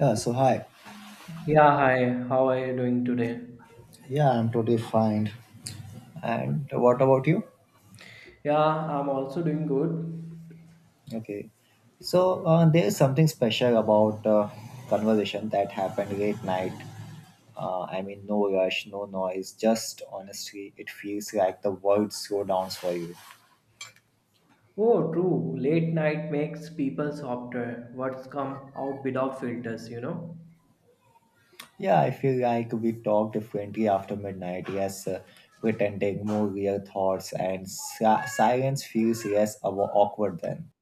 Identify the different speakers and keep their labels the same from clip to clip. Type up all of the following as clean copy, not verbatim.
Speaker 1: Yeah, so hi.
Speaker 2: Yeah, hi. How are you doing today?
Speaker 1: Yeah, I'm totally fine. And what about you?
Speaker 2: Yeah, I'm also doing good.
Speaker 1: Okay. So there's something special about conversation that happened late night. I mean, no rush, no noise, just honestly, it feels like the world slow down for you.
Speaker 2: Oh, true. Late night makes people softer. What's come out without filters, you know?
Speaker 1: Yeah, I feel like we talk differently after midnight. Yes, Pretending more real thoughts and silence feels less awkward then.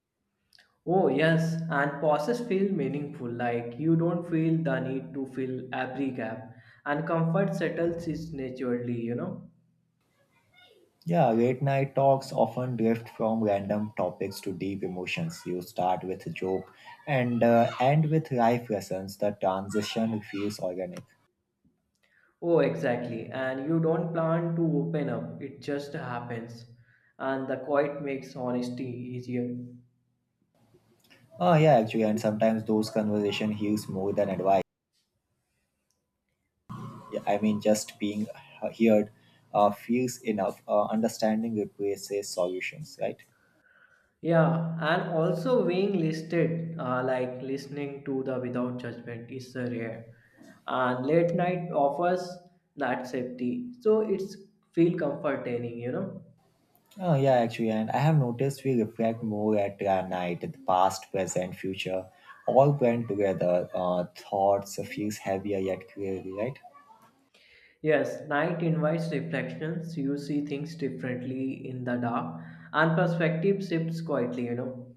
Speaker 2: Oh, yes. And pauses feel meaningful. Like you don't feel the need to fill every gap. And comfort settles it naturally, you know?
Speaker 1: Yeah, late night talks often drift from random topics to deep emotions. You start with a joke and end with life lessons. The transition feels organic.
Speaker 2: Oh, exactly. And you don't plan to open up. It just happens. And the quiet makes honesty easier.
Speaker 1: Oh yeah, actually, and sometimes those conversation heals more than advice. Yeah, I mean, just being heard feels enough. Understanding replaces solutions, right?
Speaker 2: Yeah, and also being listed, like listening to the without judgment is rare. And late night offers that safety. So it's feel comforting, you know.
Speaker 1: Oh yeah, actually, and I have noticed we reflect more at night, the past, present, future, all blend together. Thoughts feels heavier yet clearly, right?
Speaker 2: Yes, night invites reflections. You see things differently in the dark, and perspective shifts quietly, you know.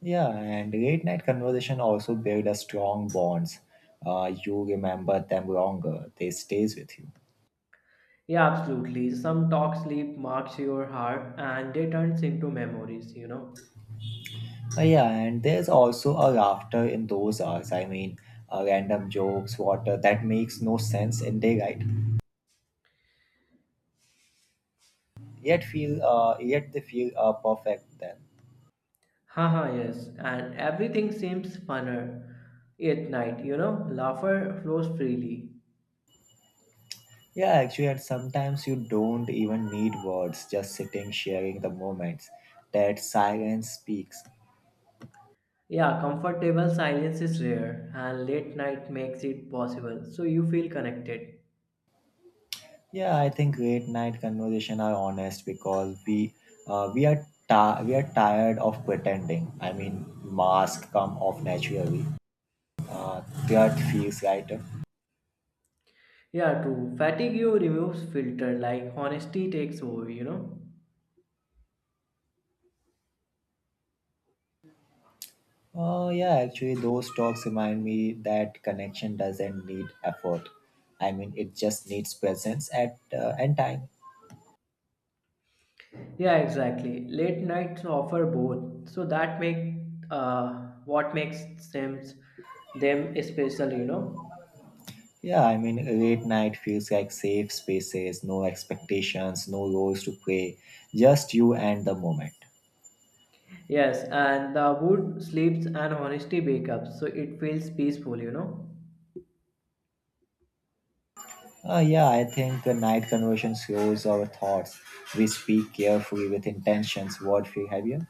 Speaker 1: Yeah, and late night conversation also build a strong bonds. You remember them longer; they stays with you.
Speaker 2: Yeah, absolutely. Some talk sleep marks your heart and they turns into memories, you know.
Speaker 1: Yeah, and there's also a laughter in those hours. I mean, random jokes, water that makes no sense in daylight, yet they feel perfect then.
Speaker 2: Haha, yes, and everything seems funner at night, you know, laughter flows freely.
Speaker 1: Yeah, actually, and sometimes you don't even need words, just sitting, sharing the moments that silence speaks.
Speaker 2: Yeah, comfortable silence is rare, and late night makes it possible, so you feel connected.
Speaker 1: Yeah, I think late night conversation are honest because uh, we are we are tired of pretending. I mean, mask come off naturally. Uh, that feels lighter.
Speaker 2: Yeah, true. Fatigue you removes filter, like honesty takes over, you know.
Speaker 1: Oh yeah, actually, those talks remind me that connection doesn't need effort. I mean, it just needs presence at and time.
Speaker 2: Yeah, exactly. Late nights offer both, so that make what makes them special, you know.
Speaker 1: Yeah, I mean, late night feels like safe spaces, no expectations, no roles to play, just you and the moment.
Speaker 2: Yes, and the wood sleeps and honesty wake up, so it feels peaceful, you know.
Speaker 1: Yeah, I think a night conversion shows our thoughts. We speak carefully with intentions, word free behavior.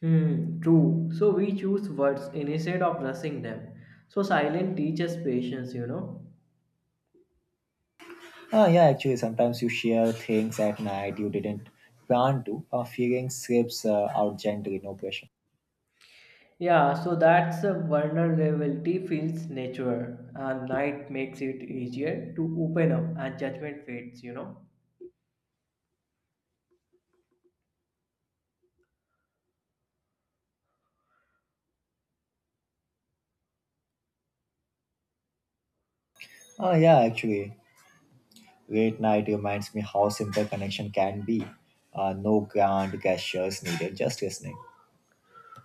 Speaker 2: Hmm, true. So we choose words instead of rushing them. So silence teaches patience, you know.
Speaker 1: Yeah, actually, sometimes you share things at night you didn't plan to. Feeling slips out gently, no pressure.
Speaker 2: Yeah, so that's a vulnerability feels natural, and night makes it easier to open up, and judgment fades, you know.
Speaker 1: Yeah, actually, late night reminds me how simple connection can be. No grand gestures needed, just listening.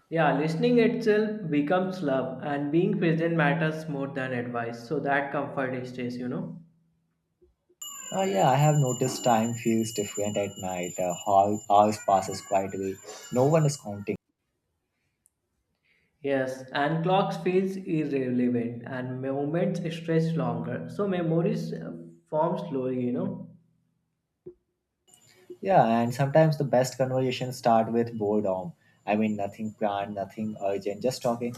Speaker 2: Yeah, listening itself becomes love, and being present matters more than advice. So that comfort stays, you know.
Speaker 1: Yeah, I have noticed time feels different at night. Hours passes quietly. No one is counting.
Speaker 2: Yes, and clocks feels irrelevant and moments stretch longer. So memories form slowly, you know.
Speaker 1: Yeah, and sometimes the best conversations start with boredom. I mean, nothing planned, nothing urgent, just talking.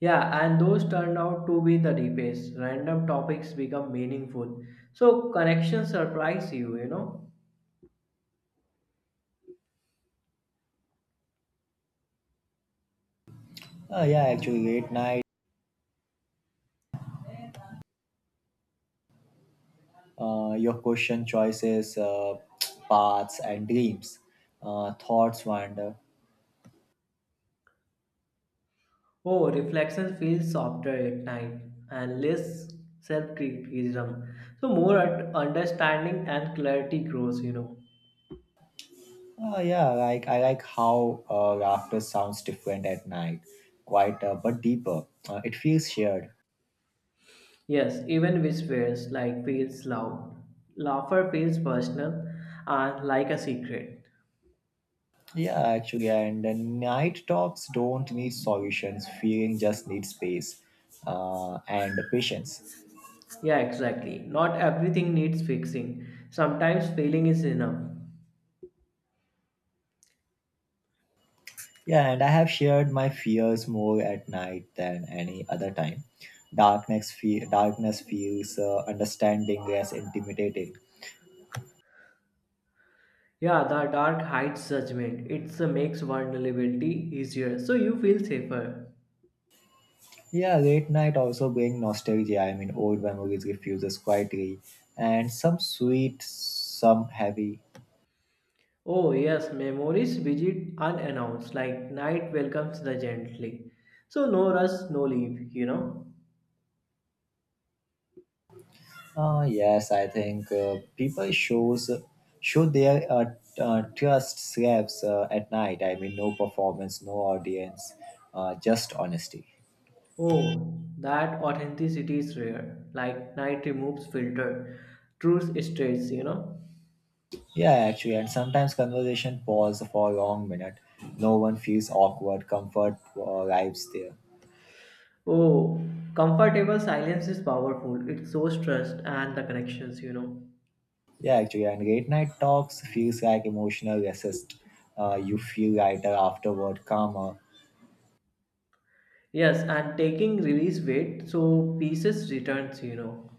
Speaker 2: Yeah, and those turn out to be the deepest. Random topics become meaningful. So connections surprise you, you know.
Speaker 1: Yeah, actually, late night, your question choices, paths, and dreams, thoughts wander.
Speaker 2: Oh, reflection feels softer at night and less self-criticism. So understanding and clarity grows, you know.
Speaker 1: Yeah, like I like how laughter sounds different at night, quieter but deeper. It feels shared.
Speaker 2: Yes, even whispers like feels loud. Laughter feels personal and like a secret.
Speaker 1: Yeah, actually, and the night talks don't need solutions. Feeling just needs space and patience.
Speaker 2: Yeah, exactly. Not everything needs fixing. Sometimes feeling is enough.
Speaker 1: Yeah, and I have shared my fears more at night than any other time. Darkness feels understanding less intimidating.
Speaker 2: Yeah, the dark hides judgment. It makes vulnerability easier, so you feel safer.
Speaker 1: Yeah, late night also bring nostalgia. I mean, old memories refuses quietly, and some sweet, some heavy.
Speaker 2: Oh yes, memories visit unannounced, like night welcomes the gently. So no rush, no leave, you know.
Speaker 1: Ah, yes, I think people show their trust slaps at night. I mean, no performance, no audience, just honesty.
Speaker 2: Oh, that authenticity is rare. Like night removes filter. Truth states, you know.
Speaker 1: Yeah, actually, and sometimes conversation pause for a long minute. No one feels awkward. Comfort arrives there.
Speaker 2: Oh, comfortable silence is powerful. It shows trust and the connections, you know.
Speaker 1: Yeah, actually, and late night talks feels like emotional resist. You feel lighter afterward, calmer.
Speaker 2: Yes, and taking release weight so pieces returns, you know.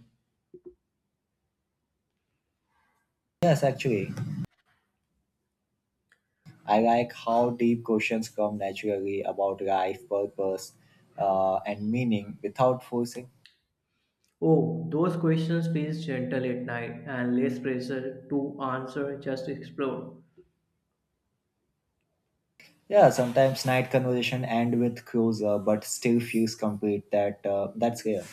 Speaker 1: Yes, actually, I like how deep questions come naturally about life, purpose, and meaning without forcing.
Speaker 2: Oh, those questions feels gentle at night and less pressure to answer, just explore.
Speaker 1: Yeah, sometimes night conversation end with closer, but still feels complete. That's rare.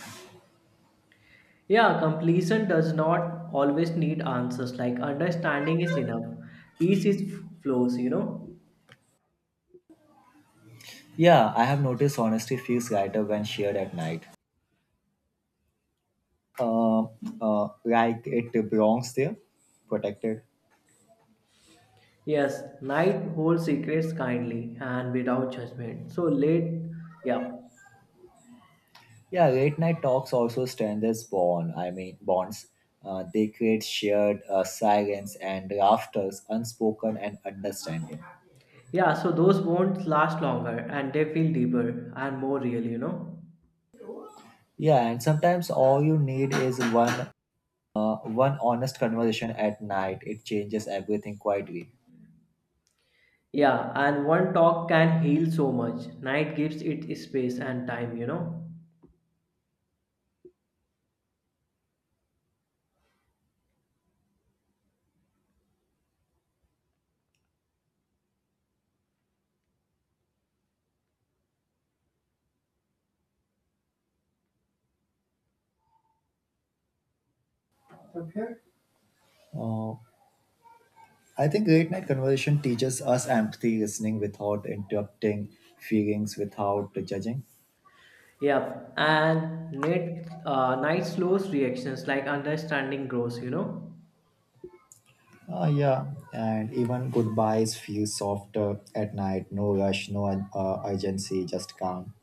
Speaker 2: Yeah, completion does not always need answers. Like understanding is enough. Peace is flows, you know.
Speaker 1: Yeah, I have noticed honesty feels lighter when shared at night. Uh, like it belongs there, protected.
Speaker 2: Yes, night holds secrets kindly and without judgment. So late, yeah.
Speaker 1: Yeah, late night talks also strengthens bond. I mean bonds. They create shared silence and laughters, unspoken and understanding.
Speaker 2: Yeah, so those bonds last longer and they feel deeper and more real, you know?
Speaker 1: Yeah, and sometimes all you need is one honest conversation at night. It changes everything quietly.
Speaker 2: Yeah, and one talk can heal so much. Night gives it space and time, you know?
Speaker 1: Uh, I think late night conversation teaches us empathy, listening without interrupting, feelings without judging.
Speaker 2: Yeah, and night, night slows reactions like understanding grows, you know?
Speaker 1: Ah, yeah, and even goodbyes feel softer at night. No rush, no urgency, just calm.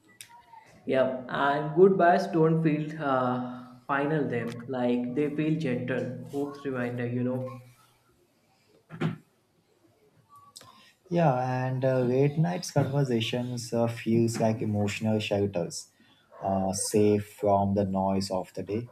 Speaker 2: Yeah, and goodbyes don't feel final them, like they feel gentle. Hope's reminder, you know?
Speaker 1: Yeah, and late nights conversations feels like emotional shelters, safe from the noise of the day.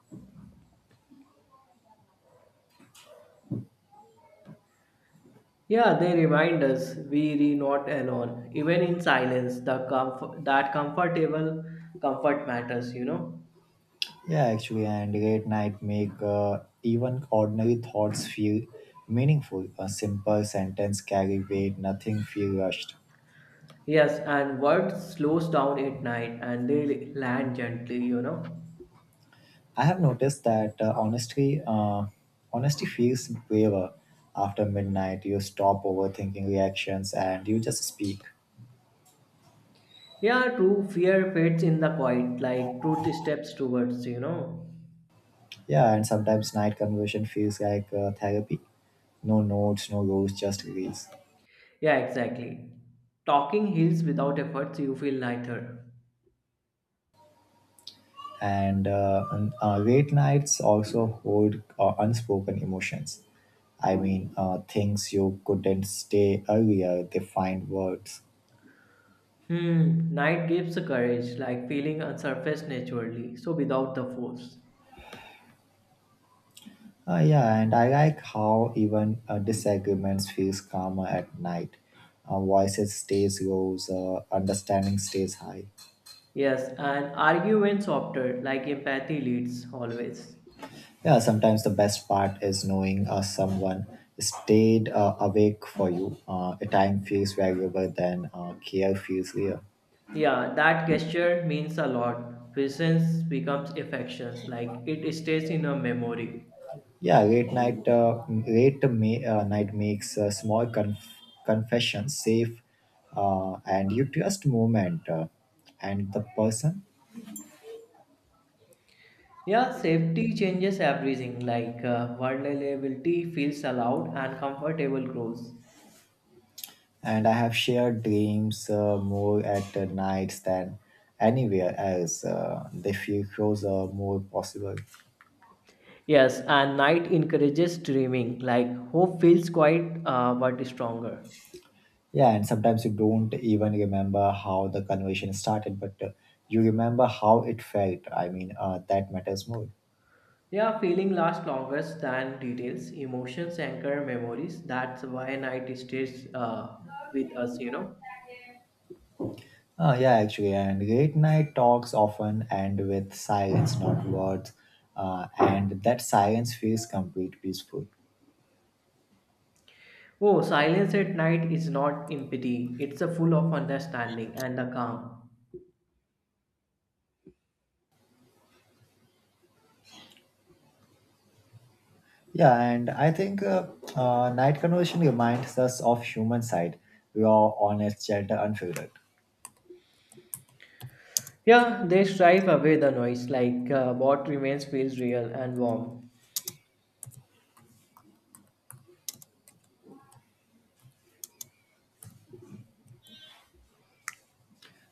Speaker 2: Yeah, they remind us we re not alone. Even in silence, the comfortable comfort matters, you know.
Speaker 1: Yeah, actually, and late night make even ordinary thoughts feel meaningful. A simple sentence carry weight. Nothing feel rushed.
Speaker 2: Yes, and word slows down at night and they land gently, you know.
Speaker 1: I have noticed that honestly, honesty feels braver after midnight. You stop overthinking reactions and you just speak.
Speaker 2: Yeah, true fear fades in the quiet, like truth steps towards, you know.
Speaker 1: Yeah, and sometimes night conversation feels like therapy. No notes, no rules, just release.
Speaker 2: Yeah, exactly. Talking heals without efforts, you feel lighter.
Speaker 1: And late nights also hold unspoken emotions. I mean, things you couldn't stay earlier, they find words.
Speaker 2: Hmm, night gives courage, like feeling a surface naturally, so without the force.
Speaker 1: Yeah, and I like how even disagreements feels calmer at night. Voices stays low, understanding stays high.
Speaker 2: Yes, and argue when softer, like empathy leads always.
Speaker 1: Yeah, sometimes the best part is knowing someone stayed awake for you. A time feels valuable than care feels real.
Speaker 2: Yeah, that gesture means a lot. Presence becomes affections, like it stays in a memory.
Speaker 1: Yeah, late night makes small confessions safe, and you trust moment and the person.
Speaker 2: Yeah, safety changes everything, like vulnerability feels allowed and comfortable grows.
Speaker 1: And I have shared dreams more at nights than anywhere else. They feel closer, more possible.
Speaker 2: Yes, and night encourages dreaming, like hope feels quite but stronger.
Speaker 1: Yeah, and sometimes you don't even remember how the conversation started, but you remember how it felt. I mean, that matters more.
Speaker 2: Yeah, feeling lasts longest than details. Emotions anchor memories. That's why night stays with us, you know.
Speaker 1: Oh, yeah, actually, and late night talks often end with silence, not words, and that silence feels complete peaceful.
Speaker 2: Oh, silence at night is not empty. It's a full of understanding and a calm.
Speaker 1: Yeah, and I think night conversation reminds us of human side, raw, honest, gentle, unfiltered.
Speaker 2: Yeah, they strive away the noise. Like what remains feels real and warm.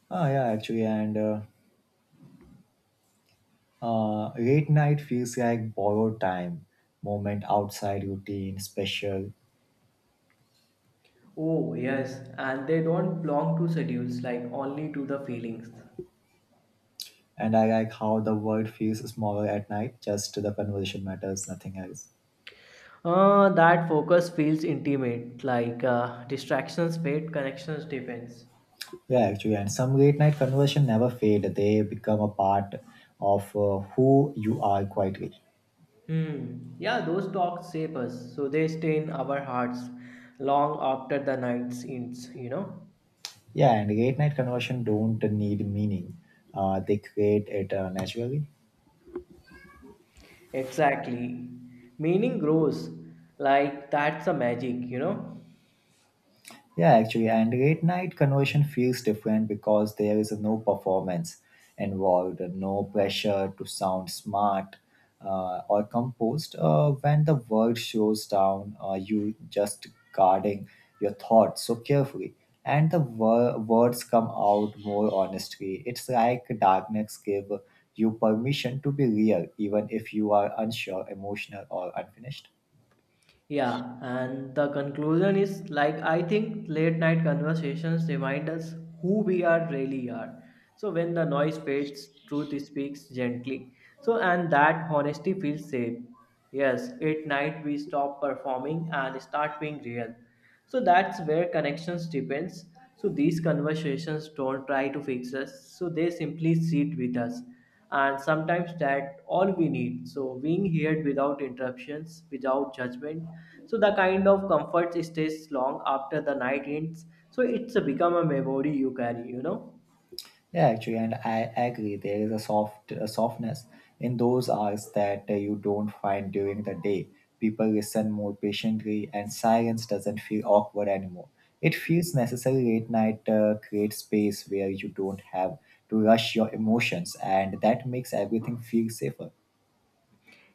Speaker 1: Oh, yeah, actually, and late night feels like borrowed time, moment outside routine, special,
Speaker 2: Oh yes, and they don't belong to schedules. Like only to the feelings.
Speaker 1: and I like how the world feels smaller at night, just the conversation matters, nothing else.
Speaker 2: That focus feels intimate. Like distractions fade, connections depends.
Speaker 1: Yeah, actually, and some late night conversation never fade. They become a part of who you are quietly.
Speaker 2: Hmm. Yeah, those talks shape us, so they stay in our hearts long after the night ends, you know?
Speaker 1: Yeah, and late night conversation don't need meaning. They create it naturally.
Speaker 2: Exactly. Meaning grows like that's a magic, you know?
Speaker 1: Yeah, actually, and late night conversion feels different because there is no performance involved, no pressure to sound smart or composed. When the world slows down, you just guarding your thoughts so carefully, and the words come out more honestly. It's like darkness give you permission to be real, even if you are unsure, emotional, or unfinished.
Speaker 2: Yeah, and the conclusion is like I think late night conversations remind us who we are really are. So when the noise fades, truth speaks gently. So and that honesty feels safe. Yes, at night we stop performing and start being real. So that's where connections depends. So these conversations don't try to fix us. So they simply sit with us. And sometimes that all we need. So being heard without interruptions, without judgment, so the kind of comfort stays long after the night ends, so it's become a memory you carry, you know.
Speaker 1: Yeah, actually, and I agree. There is a softness in those hours that you don't find during the day. People listen more patiently, and silence doesn't feel awkward anymore. It feels necessary at night create space where you don't have to rush your emotions, and that makes everything feel safer.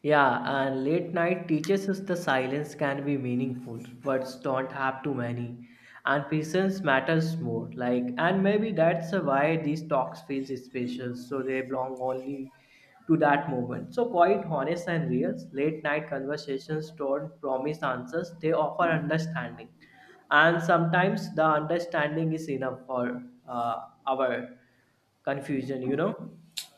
Speaker 2: Yeah, and late night teaches us the silence can be meaningful. Words don't have too many, and presence matters more. Like, and maybe that's why these talks feel special, so they belong only to that moment. So quite honest and real, late night conversations don't promise answers; they offer understanding, and sometimes the understanding is enough for our confusion. You know.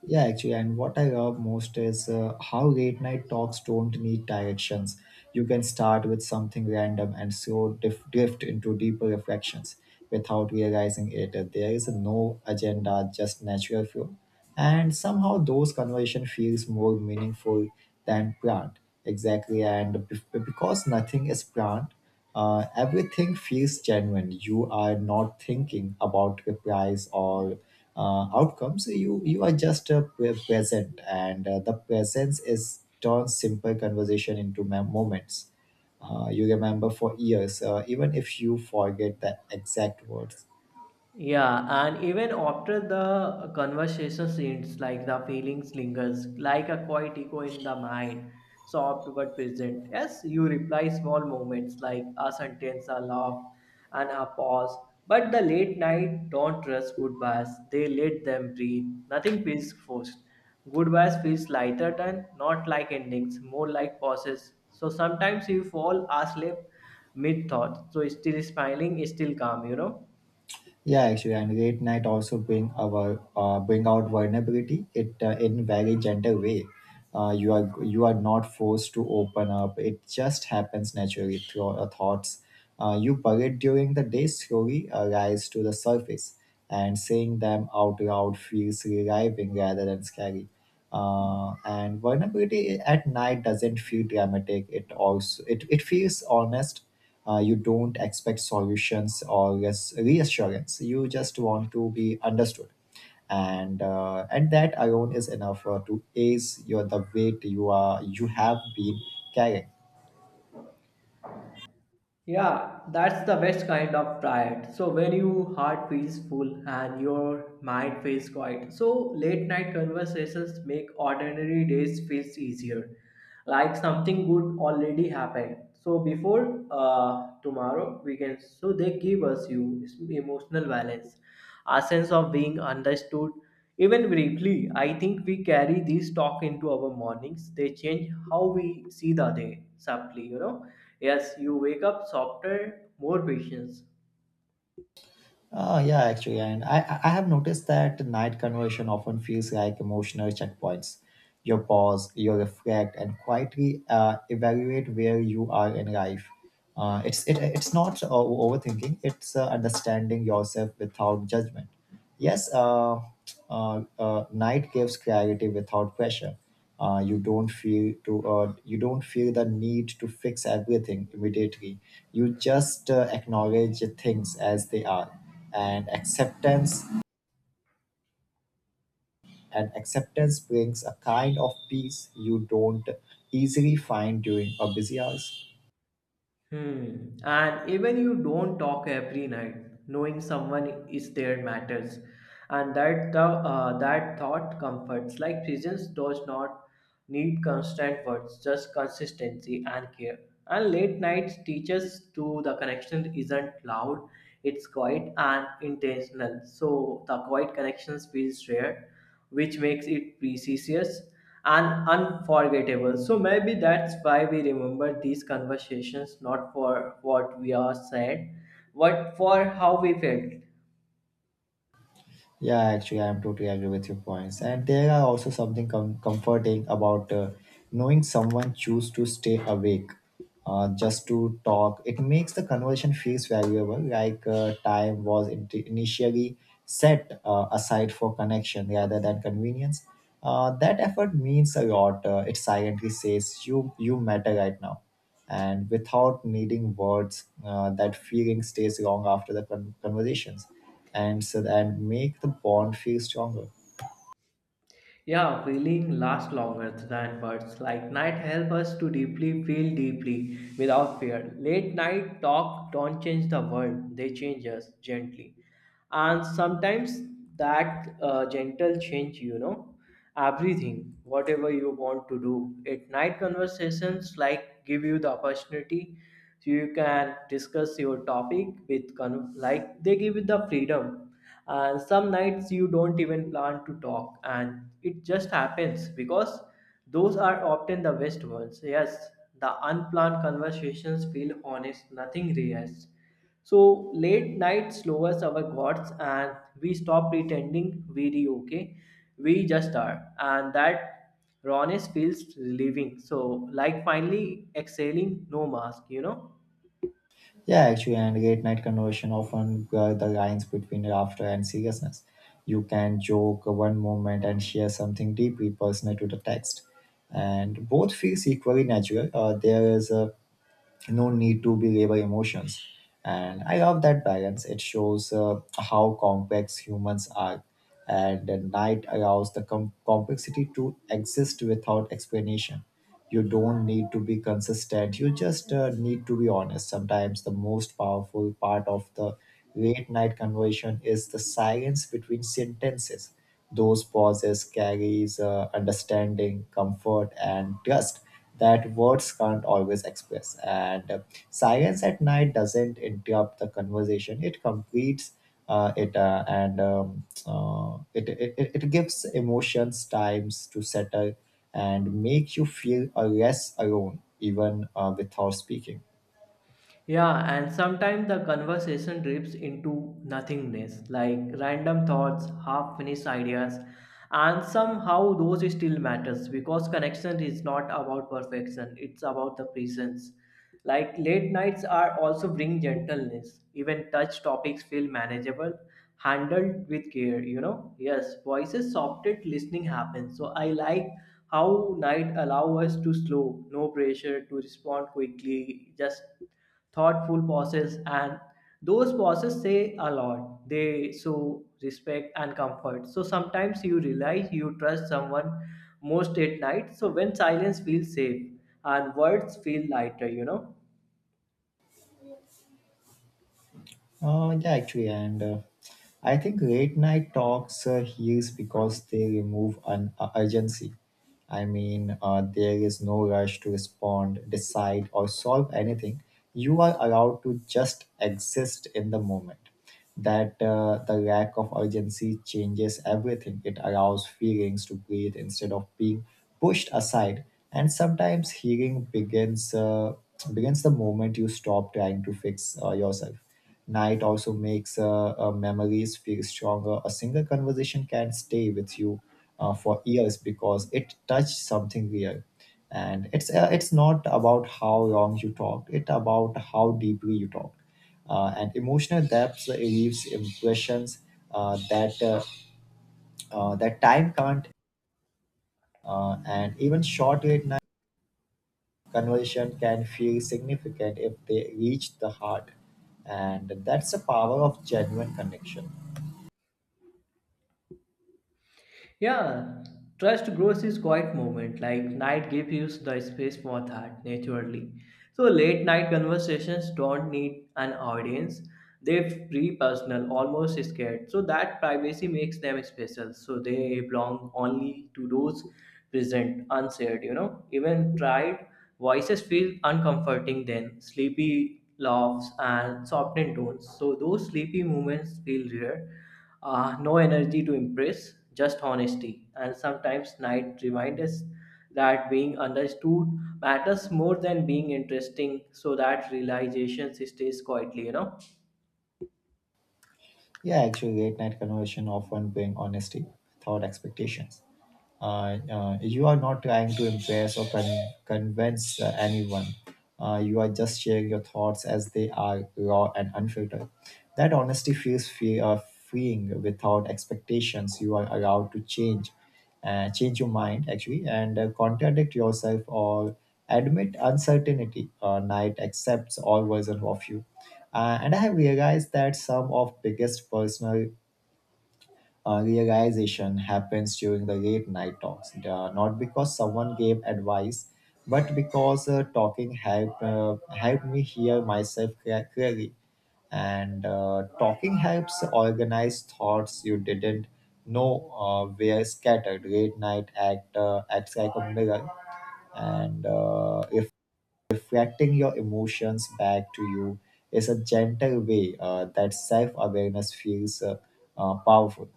Speaker 1: Yeah, actually, and what I love most is how late night talks don't need directions. You can start with something random and slow drift into deeper reflections without realizing it. There is no agenda, just natural flow and somehow those conversation feels more meaningful than planned exactly and because nothing is planned, everything feels genuine. You are not thinking about replies or outcomes. You are just present, and the presence is turns simple conversation into moments you remember for years, even if you forget the exact words.
Speaker 2: Yeah, and even after the conversation ends, like the feelings lingers, like a quiet echo in the mind, soft but present. Yes, you reply small moments like a sentence, a laugh, and a pause. But the late night don't trust goodbyes. They let them breathe. Nothing feels forced. Goodbyes feels lighter than not like endings, more like pauses. So sometimes you fall asleep mid thought. So still smiling, still calm, you know.
Speaker 1: Yeah, actually, and late night also bring out vulnerability. It In very gentle way. You are not forced to open up. It just happens naturally through our thoughts. You parade during the day slowly rise to the surface, and saying them out loud feels reviving rather than scary. And vulnerability at night doesn't feel dramatic. It feels honest. You don't expect solutions or reassurance. You just want to be understood, and that alone is enough to ease your the weight you have been carrying.
Speaker 2: Yeah, that's the best kind of tired. So when your heart feels full and your mind feels quiet. So late night conversations make ordinary days feels easier, like something good already happened so before tomorrow we can, so they give us you emotional balance, a sense of being understood even briefly. I think we carry these talk into our mornings. They change how we see the day subtly, you know. Yes, you wake up softer, more patience.
Speaker 1: Yeah, actually, and I have noticed that night conversation often feels like emotional checkpoints. You pause, you reflect, and quietly evaluate where you are in life. It's not overthinking; it's understanding yourself without judgment. Yes, night gives clarity without pressure. Uh, you don't feel the need to fix everything immediately. You just acknowledge things as they are, and acceptance brings a kind of peace you don't easily find during a busy hours.
Speaker 2: Hmm. And even you don't talk every night, knowing someone is there matters, and that the that thought comforts. Like presence does not need constant words, just consistency and care. And late nights teaches to the connection isn't loud, it's quiet and intentional. So the quiet connections feels rare, which makes it precious and unforgettable. So maybe that's why we remember these conversations not for what we are said, but for how we felt.
Speaker 1: Yeah, actually, I'm totally agree with your points. And there are also something comforting about knowing someone choose to stay awake just to talk. It makes the conversation feels valuable, like time was initially set aside for connection rather than convenience. That effort means a lot. It silently says you matter right now, and without needing words, that feeling stays long after the conversations, and so that make the bond feel stronger.
Speaker 2: Yeah, feeling lasts longer than words. Like night help us to deeply feel deeply without fear. Late night talk don't change the world; they change us gently. And sometimes that gentle change, you know, everything, whatever you want to do. At night conversations like give you the opportunity so you can discuss your topic with like they give you the freedom. And some nights you don't even plan to talk and it just happens because those are often the best ones. Yes, the unplanned conversations feel honest, nothing rehearsed. So late night lowers our guards and we stop pretending we re okay. We just are. And that rawness feels relieving. So like finally exhaling no mask, you know?
Speaker 1: Yeah, actually, and late night conversation often blur the lines between laughter and seriousness. You can joke one moment and share something deeply personal to the text, and both feels equally natural. There is a no need to be label emotions, and I love that balance. It shows how complex humans are, and the night allows the complexity to exist without explanation. You don't need to be consistent, you just need to be honest. Sometimes the most powerful part of the late night conversation is the silence between sentences. Those pauses carries understanding, comfort, and trust that words can't always express. And silence at night doesn't interrupt the conversation; it completes. Uh, it, and it, it it it gives emotions times to settle and make you feel less alone, even without speaking.
Speaker 2: Yeah, and sometimes the conversation drifts into nothingness, like random thoughts, half finished ideas, and somehow those still matters because connection is not about perfection, it's about the presence. Like late nights are also bring gentleness. Even touch topics feel manageable, handled with care, you know? Yes, voices softened, listening happens. So I like how night allow us to slow, no pressure to respond quickly, just thoughtful pauses. And those pauses say a lot. They show respect and comfort. So sometimes you realize you trust someone most at night, so when silence feels safe and words feel lighter, you know.
Speaker 1: Yeah, actually, and I think late night talks heals because they remove an urgency. I mean, there is no rush to respond, decide, or solve anything. You are allowed to just exist in the moment. That the lack of urgency changes everything. It allows feelings to breathe instead of being pushed aside. And sometimes healing begins the moment you stop trying to fix yourself. Night also makes memories feel stronger. A single conversation can stay with you for years because it touched something real. And it's not about how long you talked; it about how deeply you talked, and emotional depth leaves impressions uh, that uh, that time can't, and even short late night conversation can feel significant if they reach the heart, and that's the power of genuine connection.
Speaker 2: Yeah, trust grows is quiet moment. Like night gives you the space for that naturally. So late night conversations don't need an audience. They're free, personal, almost scared. So that privacy makes them special. So they belong only to those present, unsaid. You know, even tried voices feel uncomforting. Then sleepy laughs and softened tones. So those sleepy moments feel rare, no energy to impress, just honesty. And sometimes night reminds us that being understood matters more than being interesting, so that realization stays quietly, you know.
Speaker 1: Yeah, actually, late night conversation often bring honesty without expectations. You are not trying to impress or convince anyone. You are just sharing your thoughts as they are, raw and unfiltered. That honesty feels freeing without expectations. You are allowed to change your mind actually, and contradict yourself or admit uncertainty. Night accepts all versions of you. And I have realized that some of biggest personal realization happens during the late night talks, not because someone gave advice, but because talking helped helped me hear myself clearly, and talking helps organize thoughts you didn't know were scattered. Late night acts like a mirror, and if reflecting your emotions back to you is a gentle way. That self awareness feels powerful.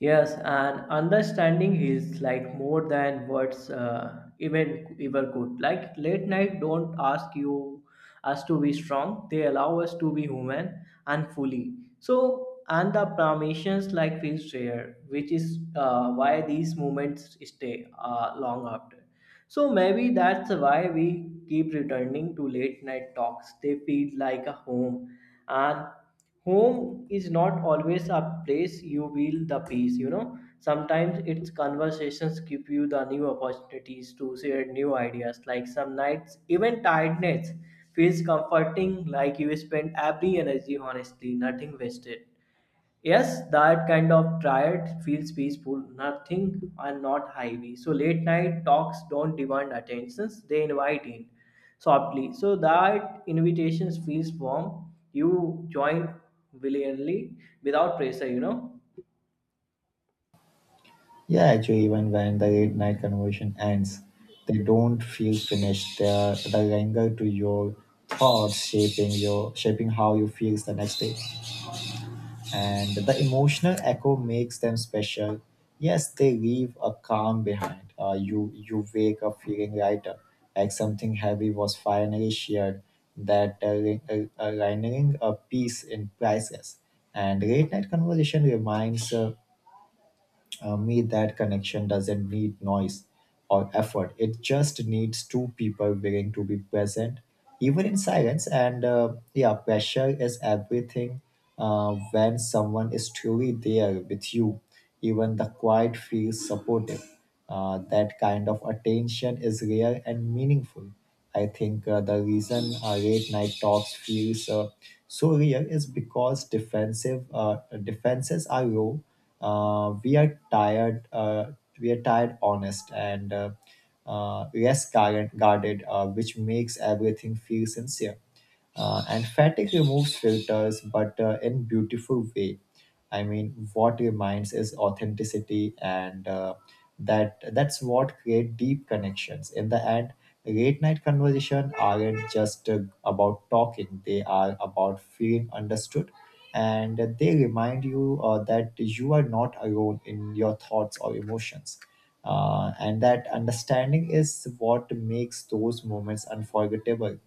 Speaker 2: Yes, and understanding is like more than words even ever could. Like late night don't ask you us to be strong. They allow us to be human and fully. So and the permissions like feels rare, which is why these moments stay long after. So maybe that's why we keep returning to late night talks. They feel like a home, and home is not always a place you feel the peace, you know. Sometimes it's conversations give you the new opportunities to share new ideas. Like some nights even tiredness feels comforting, like you spend every energy honestly, nothing wasted. Yes, that kind of triad feels peaceful, nothing and not heavy. So late night talks don't demand attentions, they invite in softly. So that invitations feels warm. You join willingly without pressure, you know.
Speaker 1: Yeah, actually, even when the late night conversation ends, they don't feel finished. They are the linger to your thoughts, shaping how you feel the next day, and the emotional echo makes them special. Yes, they leave a calm behind. You you wake up feeling lighter, like something heavy was finally shared. Rendering a piece in priceless. And late night conversation reminds. Me that connection doesn't need noise or effort, it just needs two people willing to be present, even in silence. And yeah, pressure is everything when someone is truly there with you, even the quiet feels supportive. That kind of attention is rare and meaningful. I think the reason late night talks feels so real is because defensive defenses are low. Uh, we are tired. We are tired, honest, and less guarded, which makes everything feel sincere. And fatigue removes filters, but in beautiful way. I mean, what remains is authenticity, and that's what create deep connections. In the end, late night conversation aren't just about talking; they are about feeling understood, and they remind you that you are not alone in your thoughts or emotions. And that understanding is what makes those moments unforgettable.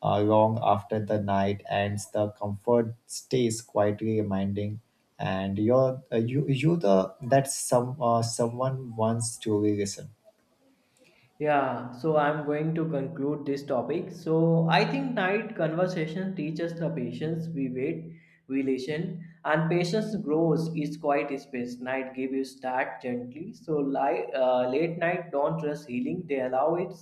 Speaker 1: Long after the night ends, the comfort stays quietly reminding, and you're you you the that some someone wants to listen.
Speaker 2: Yeah, so I'm going to conclude this topic. So I think night conversation teaches the patience. We wait, we listen, and patience grows is quiet space. Night gives you start gently. So late night don't rush healing. They allow it,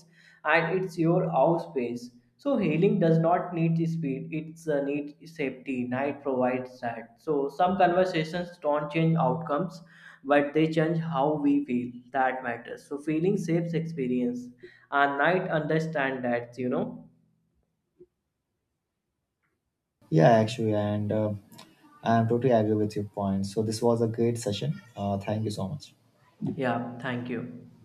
Speaker 2: and it's your house space. So healing does not need speed. It's need safety. Night provides that. So some conversations don't change outcomes but they change how we feel, that matters. So feeling shapes experience, and I understand that, you know.
Speaker 1: Yeah, actually, and I'm totally agree with your point. So this was a great session. Thank you so much.
Speaker 2: Yeah, thank you.